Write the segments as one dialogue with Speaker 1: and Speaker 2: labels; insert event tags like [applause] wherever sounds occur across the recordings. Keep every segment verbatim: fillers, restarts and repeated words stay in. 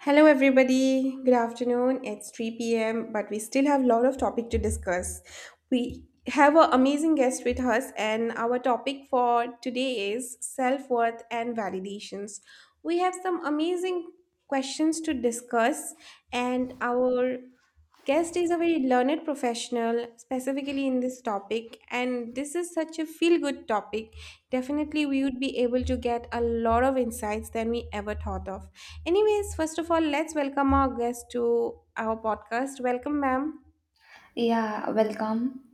Speaker 1: Hello, everybody. Good afternoon. It's three p m, but we still have a lot of topic to discuss. We have an amazing guest with us, and our topic for today is self worth and validations. We have some amazing questions to discuss, and our guest is a very learned professional specifically in this topic, and this is such a feel good topic. Definitely we would be able to get a lot of insights than we ever thought of. Anyways, first of all, let's welcome our guest to our podcast. Welcome, ma'am.
Speaker 2: Yeah, welcome.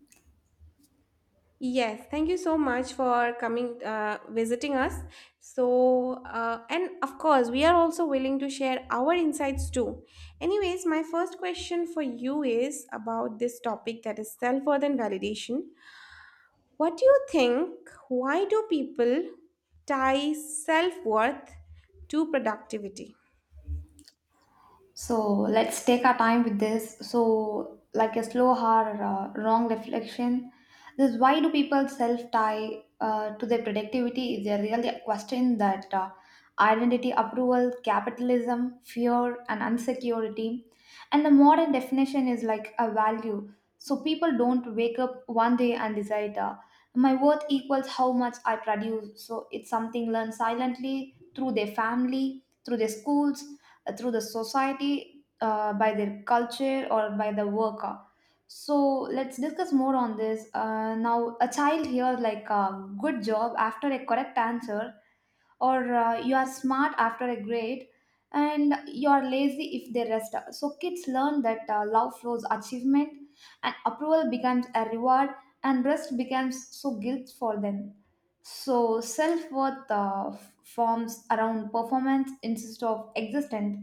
Speaker 1: Yes, thank you so much for coming, uh, visiting us. So, uh, and of course, we are also willing to share our insights too. Anyways, my first question for you is about this topic, that is self worth and validation. What do you think? Why do people tie self worth to productivity?
Speaker 2: So let's take our time with this. So, like a slow hard uh, wrong reflection, this why do people self tie uh, to their productivity is a really a question that uh, identity, approval, capitalism, fear, and insecurity, and the modern definition is like a value. So people don't wake up one day and decide uh, my worth equals how much I produce. So it's something learned silently through their family, through their schools uh, through the society, uh, by their culture, or by the worker. So let's discuss more on this. Uh, now, a child hears like uh, good job after a correct answer or uh, you are smart after a grade, and you are lazy if they rest. So kids learn that uh, love flows achievement, and approval becomes a reward, and rest becomes so guilt for them. So self-worth uh, f- forms around performance instead of existence.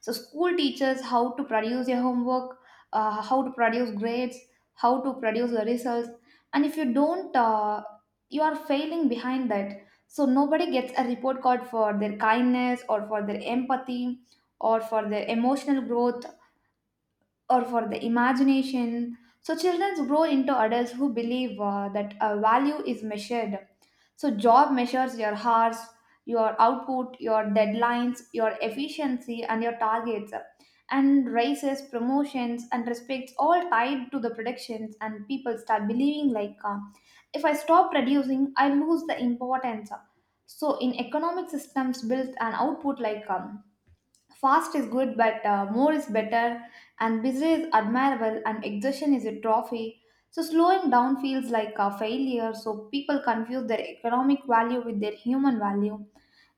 Speaker 2: So school teaches how to produce your homework, uh, how to produce grades, how to produce the results, and if you don't, uh, you are failing behind that. So nobody gets a report card for their kindness or for their empathy or for their emotional growth or for the imagination. So children grow into adults who believe uh, that uh, value is measured. So job measures your hours, your output, your deadlines, your efficiency, and your targets. And raises, promotions, and respects all tied to the productions, and people start believing like, uh, if I stop producing, I lose the importance. So in economic systems built an output like um, fast is good, but uh, more is better, and busy is admirable, and exertion is a trophy. So slowing down feels like a failure, so people confuse their economic value with their human value.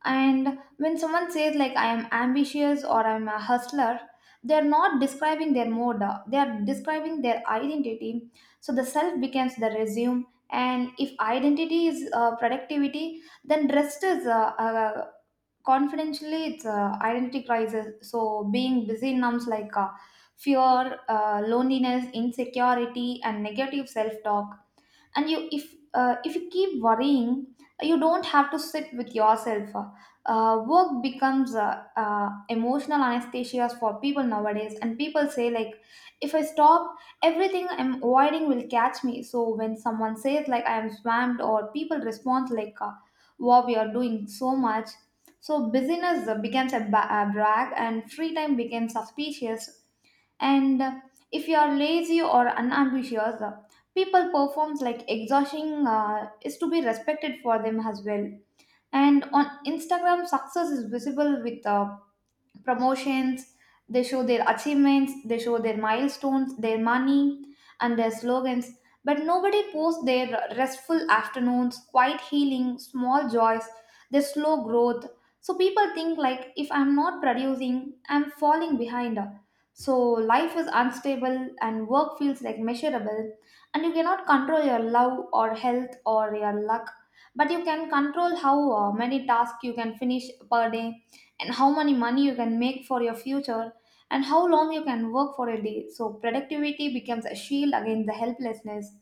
Speaker 2: And when someone says, like, I am ambitious or I'm a hustler, they are not describing their mode, uh, they are describing their identity. So the self becomes the resume. And if identity is uh, productivity, then rest is uh, uh, confidentially it's uh, identity crisis. So being busy numbs like uh, fear, uh, loneliness, insecurity, and negative self-talk. And you if uh, if you keep worrying, you don't have to sit with yourself. Uh, uh, work becomes uh, uh, emotional anesthesia for people nowadays, and people say like, if I stop, everything I'm avoiding will catch me. So when someone says like I am swamped, or people respond like, uh, wow, we are doing so much. So busyness uh, becomes a ba- a brag, and free time becomes suspicious. And uh, if you are lazy or unambitious, uh, people performs like exhausting uh, is to be respected for them as well. And on Instagram, success is visible with uh, promotions. They show their achievements, they show their milestones, their money, and their slogans. But nobody posts their restful afternoons, quiet healing, small joys, their slow growth. So people think like, if I'm not producing, I'm falling behind. So life is unstable and work feels like measurable, and you cannot control your love or health or your luck, but you can control how uh, many tasks you can finish per day, and how much money you can make for your future, and how long you can work for a day. So productivity becomes a shield against the helplessness.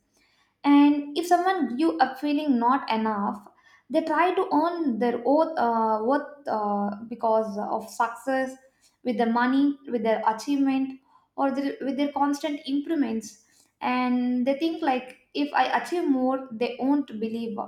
Speaker 2: And if someone grew up feeling not enough, they try to earn their oath, uh, worth uh, because of success, with their money, with their achievement, or their, with their constant improvements. And they think like, if I achieve more, they won't believe.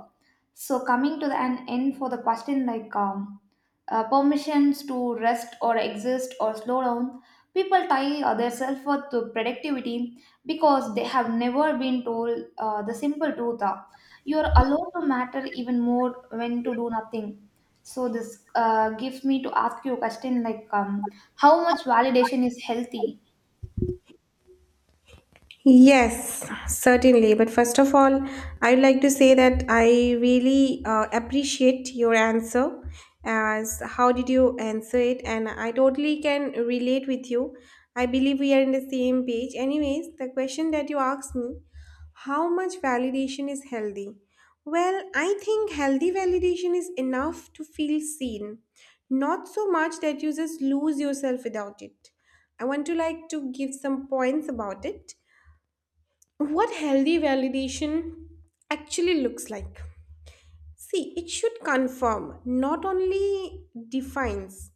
Speaker 2: So coming to the an end for the question like. Um, uh, permissions to rest or exist or slow down. People tie uh, their self worth to productivity because they have never been told uh, the simple truth. Uh, you are allowed to matter even more when to do nothing. So this uh, gives me to ask you a question like, um, how much validation is healthy?
Speaker 1: Yes, certainly. But first of all, I'd like to say that I really uh, appreciate your answer, as how did you answer it. And I totally can relate with you. I believe we are in the same page. Anyways, the question that you asked me, how much validation is healthy? Well, I think healthy validation is enough to feel seen, not so much that you just lose yourself without it. I want to like to give some points about it, what healthy validation actually looks like. See, it should confirm, not only defines,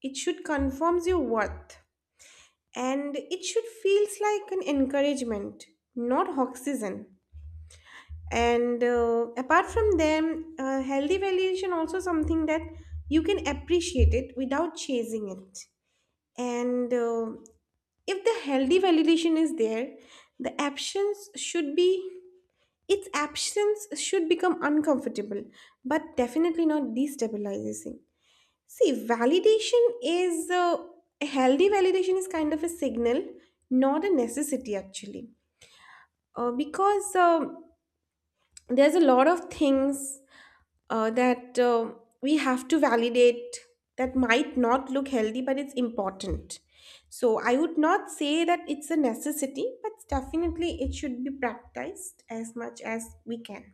Speaker 1: it should confirms your worth. And it should feels like an encouragement, not oxygen. And uh, apart from them, uh, healthy validation also something that you can appreciate it without chasing it. And uh, if the healthy validation is there, the actions should be. Its absence should become uncomfortable, but definitely not destabilizing. See, validation is uh, a healthy validation is kind of a signal, not a necessity actually, uh, because uh, there's a lot of things uh, that uh, we have to validate that might not look healthy, but it's important. So I would not say that it's a necessity, but definitely it should be practiced as much as we can.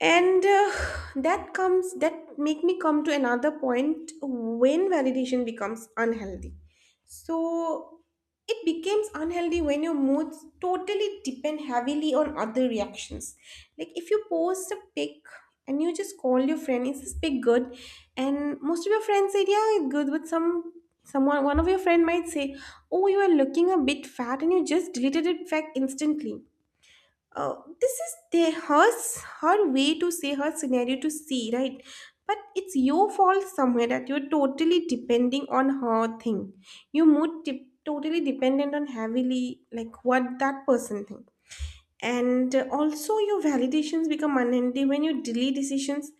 Speaker 1: and uh, that comes, that make me come to another point, when validation becomes unhealthy. So it becomes unhealthy when your moods totally depend heavily on other reactions. Like, if you post a pic and you just call your friend, is this pic good, and most of your friends said yeah, it's good, but some someone one of your friend might say, oh, you are looking a bit fat, and you just deleted it back instantly. uh, this is their her her way to say, her scenario to see, right? But it's your fault somewhere that you're totally depending on her thing. You mood de- totally dependent on heavily like what that person think. And uh, also your validations become unhealthy when you delay decisions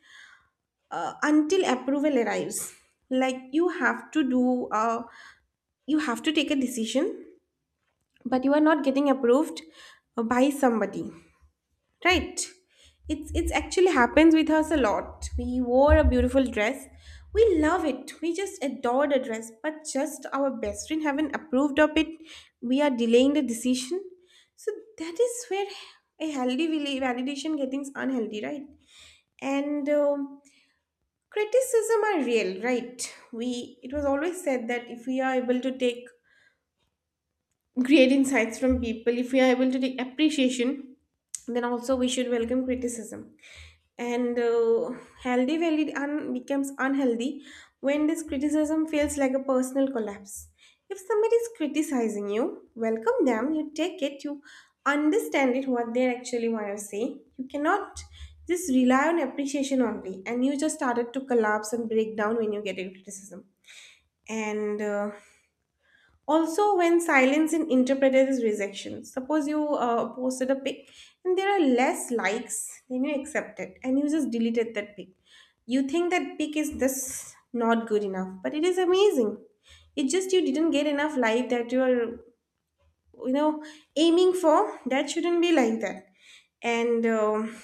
Speaker 1: uh, until approval arrives. Like, you have to do uh, you have to take a decision, but you are not getting approved uh, by somebody. Right. It's it's actually happens with us a lot. We wore a beautiful dress. We love it. We just adore the dress, but just our best friend haven't approved of it. We are delaying the decision. So that is where a healthy vali- validation getting unhealthy, right? And um, criticism are real, right? We, it was always said that if we are able to take great insights from people, if we are able to take appreciation, then also we should welcome criticism. And uh, healthy valid un- becomes unhealthy when this criticism feels like a personal collapse. If somebody is criticizing you, welcome them, you take it, you understand it, what they actually want to say. You cannot just rely on appreciation only and you just started to collapse and break down when you get a criticism. And uh, also when silence is interpreted as rejection. Suppose you uh, posted a pic and there are less likes than you accepted, and you just deleted that pic. You think that pic is this not good enough, but it is amazing. It just you didn't get enough like that you're, you know, aiming for. That shouldn't be like that. And um,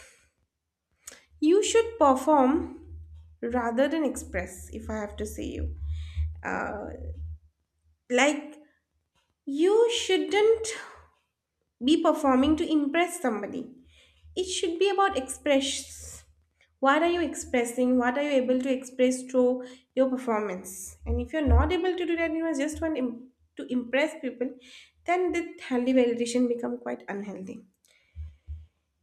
Speaker 1: you should perform rather than express. If I have to say you, uh, like, you shouldn't be performing to impress somebody. It should be about express. What are you expressing? What are you able to express through your performance? And if you're not able to do that, you know, just want im- to impress people, then the healthy validation become quite unhealthy.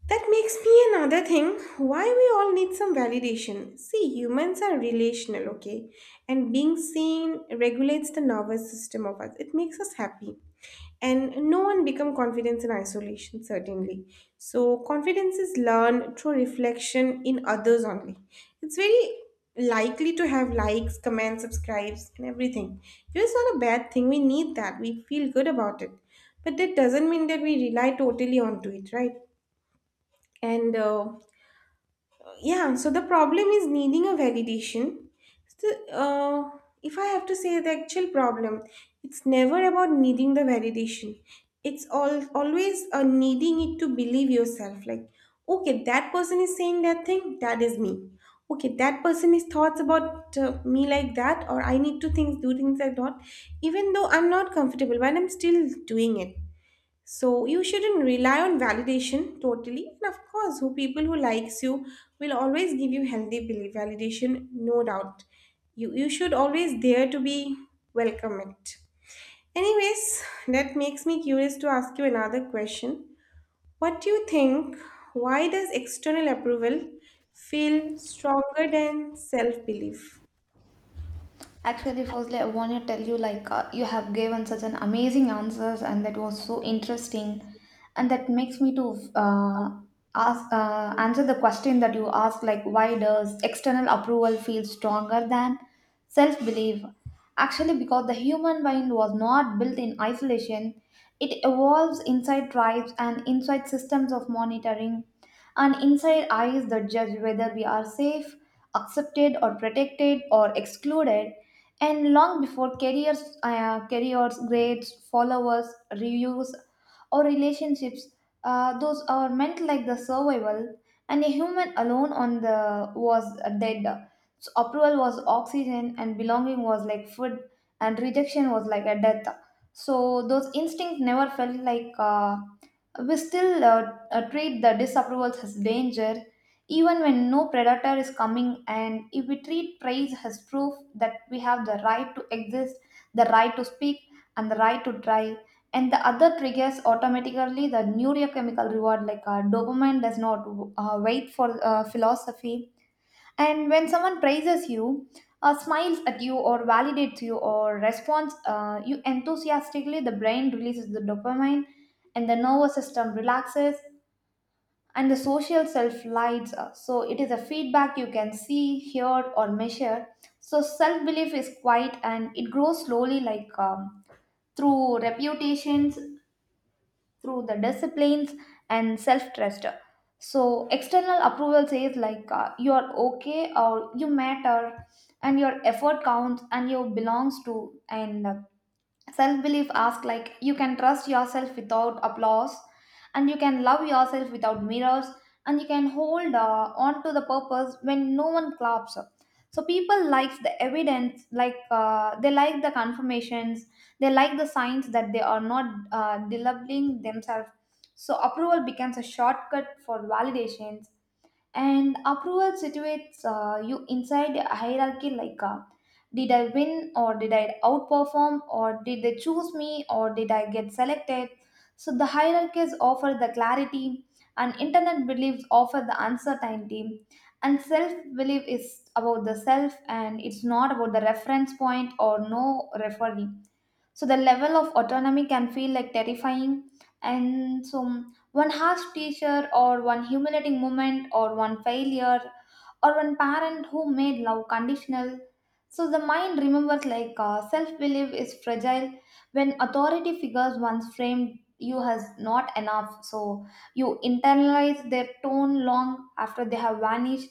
Speaker 1: That makes me another thing, why we all need some validation. See, humans are relational, okay? And being seen regulates the nervous system of us. It makes us happy. And no one become confidence in isolation, certainly. So confidence is learned through reflection in others only. It's very likely to have likes, comments, subscribes, and everything. It's not a bad thing. We need that. We feel good about it. But that doesn't mean that we rely totally onto it, right? and uh, yeah, so the problem is needing a validation. So, uh, if I have to say, the actual problem, it's never about needing the validation. It's all always uh, needing it to believe yourself, like, okay, that person is saying that thing, that is me, okay, that person is thoughts about uh, me like that, or I need to things do things like that, even though I'm not comfortable, but I'm still doing it. So you shouldn't rely on validation totally. And of course, who people who likes you will always give you healthy belief validation, no doubt. You you should always dare to be, welcome it. Anyways, that makes me curious to ask you another question. What do you think? Why does external approval feel stronger than self belief?
Speaker 2: Actually, firstly, I want to tell you like uh, you have given such an amazing answers, and that was so interesting, and that makes me to uh, ask uh, answer the question that you asked, like why does external approval feel stronger than self belief? Actually, because the human mind was not built in isolation; it evolves inside tribes and inside systems of monitoring and inside eyes that judge whether we are safe, accepted, or protected or excluded. And long before careers, uh, careers, grades, followers, reviews, or relationships, uh, those are meant like the survival, and a human alone on the was dead. So approval was oxygen, and belonging was like food, and rejection was like a death. So those instincts never felt like. Uh, we still uh, uh, treat the disapprovals as danger, even when no predator is coming. And if we treat praise as proof that we have the right to exist, the right to speak, and the right to try, and the other triggers automatically the neurochemical reward, like uh, dopamine does not uh, wait for uh, philosophy. And when someone praises you, uh, smiles at you, or validates you, or responds uh, you enthusiastically, the brain releases the dopamine, and the nervous system relaxes, and the social self lights up. So it is a feedback you can see, hear, or measure. So self belief is quiet and it grows slowly, like um, through reputations, through the disciplines, and self trust. So external approval says, like, uh, you're okay or you matter, and your effort counts and you belongs to, and self belief asks, like, you can trust yourself without applause, and you can love yourself without mirrors, and you can hold uh, on to the purpose when no one claps. So people likes the evidence, like uh, they like the confirmations, they like the signs that they are not uh, delivering themselves. So approval becomes a shortcut for validation, and approval situates uh, you inside a hierarchy, like uh, did I win, or did I outperform, or did they choose me, or did I get selected? So the hierarchies offer the clarity, and internet beliefs offer the uncertainty. And self belief is about the self, and it's not about the reference point or no referee. So the level of autonomy can feel like terrifying. And so one harsh teacher, or one humiliating moment, or one failure, or one parent who made love conditional. So the mind remembers like, uh, self belief is fragile when authority figures once framed you as not enough. So you internalize their tone long after they have vanished,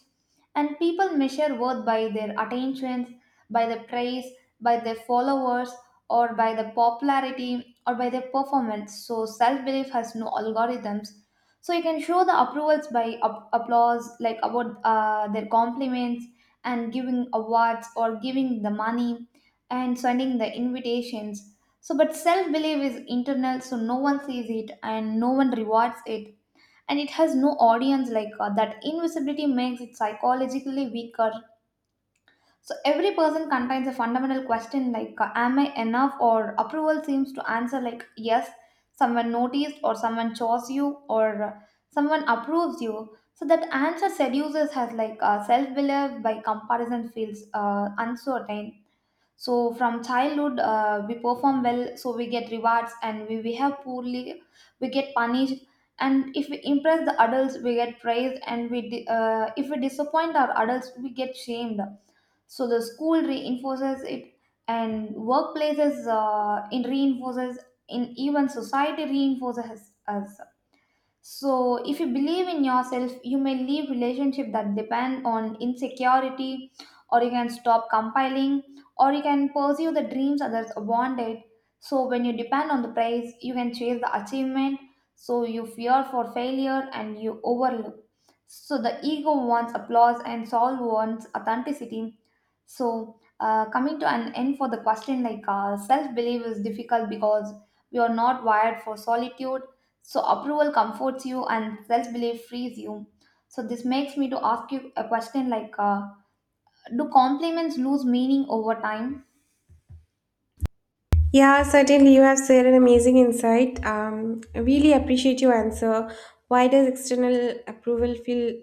Speaker 2: and people measure worth by their attentions, by the praise, by their followers, or by the popularity or by their performance. So self belief has no algorithms. So you can show the approvals by up- applause, like about uh, their compliments, and giving awards or giving the money, and sending the invitations. So, but self belief is internal, so no one sees it and no one rewards it. And it has no audience like uh, that. Invisibility makes it psychologically weaker. So every person contains a fundamental question, like, uh, am I enough? Or approval seems to answer like, yes, someone noticed, or someone chose you, or uh, someone approves you. So that answer seduces has like, uh, self belief by comparison feels uh, uncertain. So from childhood, uh, we perform well so we get rewards, and we behave poorly, we get punished. And if we impress the adults we get praised, and we di- uh, if we disappoint our adults we get shamed. So the school reinforces it, and workplaces uh, in reinforces in, even society reinforces us. So if you believe in yourself, you may leave relationship that depend on insecurity, or you can stop compiling, or you can pursue the dreams others wanted. So when you depend on the praise, you can chase the achievement. So you fear for failure and you overlook. So the ego wants applause and soul wants authenticity. So, uh, coming to an end for the question like, uh, self belief is difficult because we are not wired for solitude. So approval comforts you and self-belief frees you. So this makes me to ask you a question like, uh, do compliments lose meaning over time?
Speaker 1: Yeah, certainly. You have shared an amazing insight. Um, I really appreciate your answer. Why does external approval feel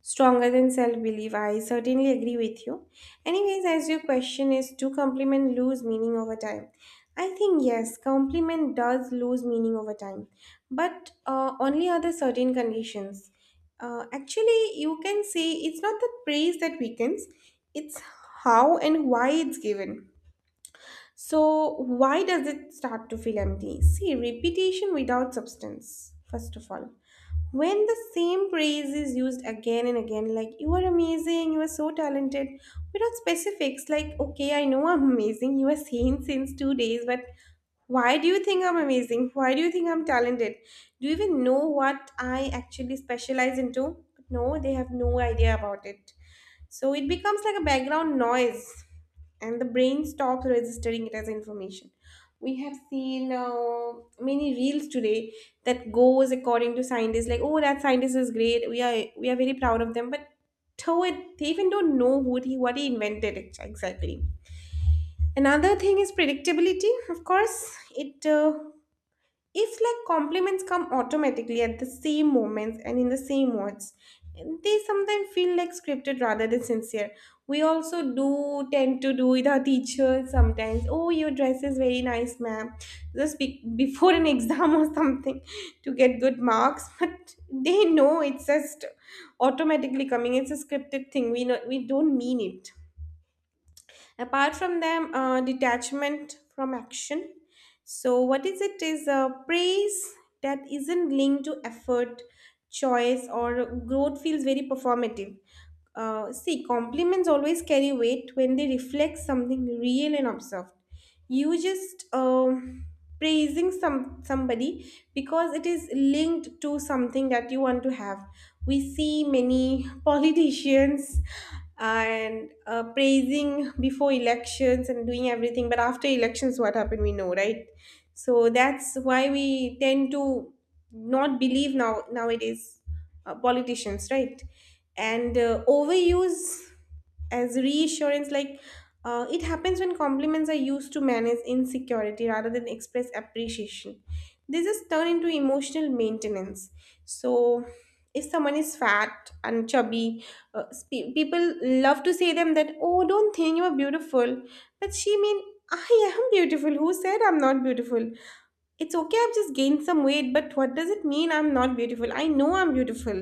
Speaker 1: stronger than self belief. I certainly agree with you. Anyways, as your question is, do compliment lose meaning over time? I think yes, compliment does lose meaning over time, but uh, only under certain conditions. Uh, actually, you can say it's not the praise that weakens, it's how and why it's given. So, why does it start to feel empty? See, repetition without substance, first of all. When the same praise is used again and again, like you are amazing, you are so talented, without specifics, like okay, I know I'm amazing, you are saying since two days, but why do you think I'm amazing? Why do you think I'm talented? Do you even know what I actually specialize into? No, they have no idea about it. So it becomes like a background noise and the brain stops registering it as information. We have seen uh, many reels today that goes according to scientists, like, oh, that scientist is great, we are we are very proud of them, but though it, they even don't know who he what he invented ex- exactly. Another thing is predictability, of course. It uh, if like compliments come automatically at the same moments and in the same words, they sometimes feel like scripted rather than sincere. We also do tend to do with our teachers sometimes. Oh, your dress is very nice, ma'am. Just be- [laughs] before an exam or something to get good marks, [laughs] but they know it's just automatically coming. It's a scripted thing. We know we don't mean it. Apart from them, uh, detachment from action. So, what is it? Is a praise that isn't linked to effort, choice, or growth feels very performative. Uh, see, compliments always carry weight when they reflect something real and observed. You just um, praising some somebody because it is linked to something that you want to have. We see many [laughs] politicians and uh, praising before elections and doing everything, but after elections, what happened we know, right? So that's why we tend to not believe now nowadays uh, politicians, right? and uh, overuse as reassurance, like, uh, it happens when compliments are used to manage insecurity rather than express appreciation. They just turn into emotional maintenance. So if someone is fat and chubby, uh, spe- people love to say them that, oh, don't think you are beautiful, but she mean, I am beautiful, who said I'm not beautiful? It's okay, I've just gained some weight, but what does it mean I'm not beautiful? I know I'm beautiful.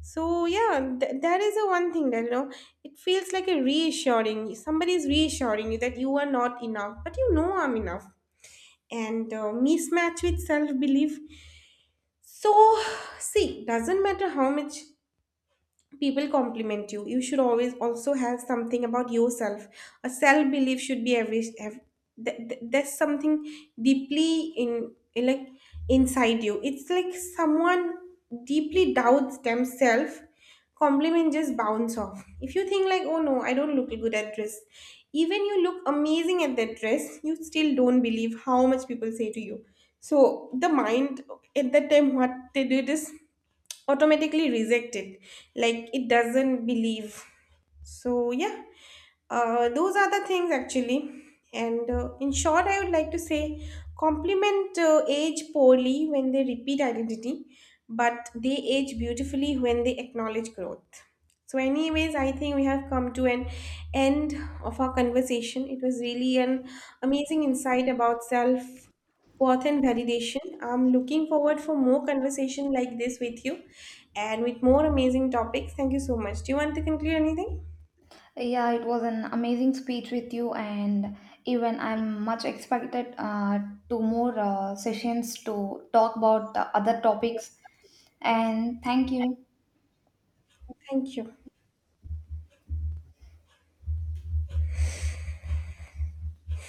Speaker 1: So yeah, th- that is the one thing that, you know, it feels like a reassuring, somebody is reassuring you that you are not enough, but you know I'm enough. And uh, mismatch with self-belief. So, see, doesn't matter how much people compliment you, you should always also have something about yourself. A self belief should be every ev- th- th- there's something deeply in in like inside you. It's like someone deeply doubts themselves, compliment just bounce off. If you think like, oh no, I don't look good at dress, even you look amazing at that dress, you still don't believe how much people say to you. So the mind at that time, what they do it is automatically reject it, like it doesn't believe. So, yeah, uh, those are the things actually. And uh, in short, I would like to say compliment uh, age poorly when they repeat identity, but they age beautifully when they acknowledge growth. So, anyways, I think we have come to an end of our conversation. It was really an amazing insight about self worth and validation. I'm looking forward for more conversation like this with you and with more amazing topics. Thank you so much. Do you want to conclude anything?
Speaker 2: Yeah, it was an amazing speech with you, and even I'm much expected uh, to more uh, sessions to talk about the other topics. And thank you.
Speaker 1: Thank you.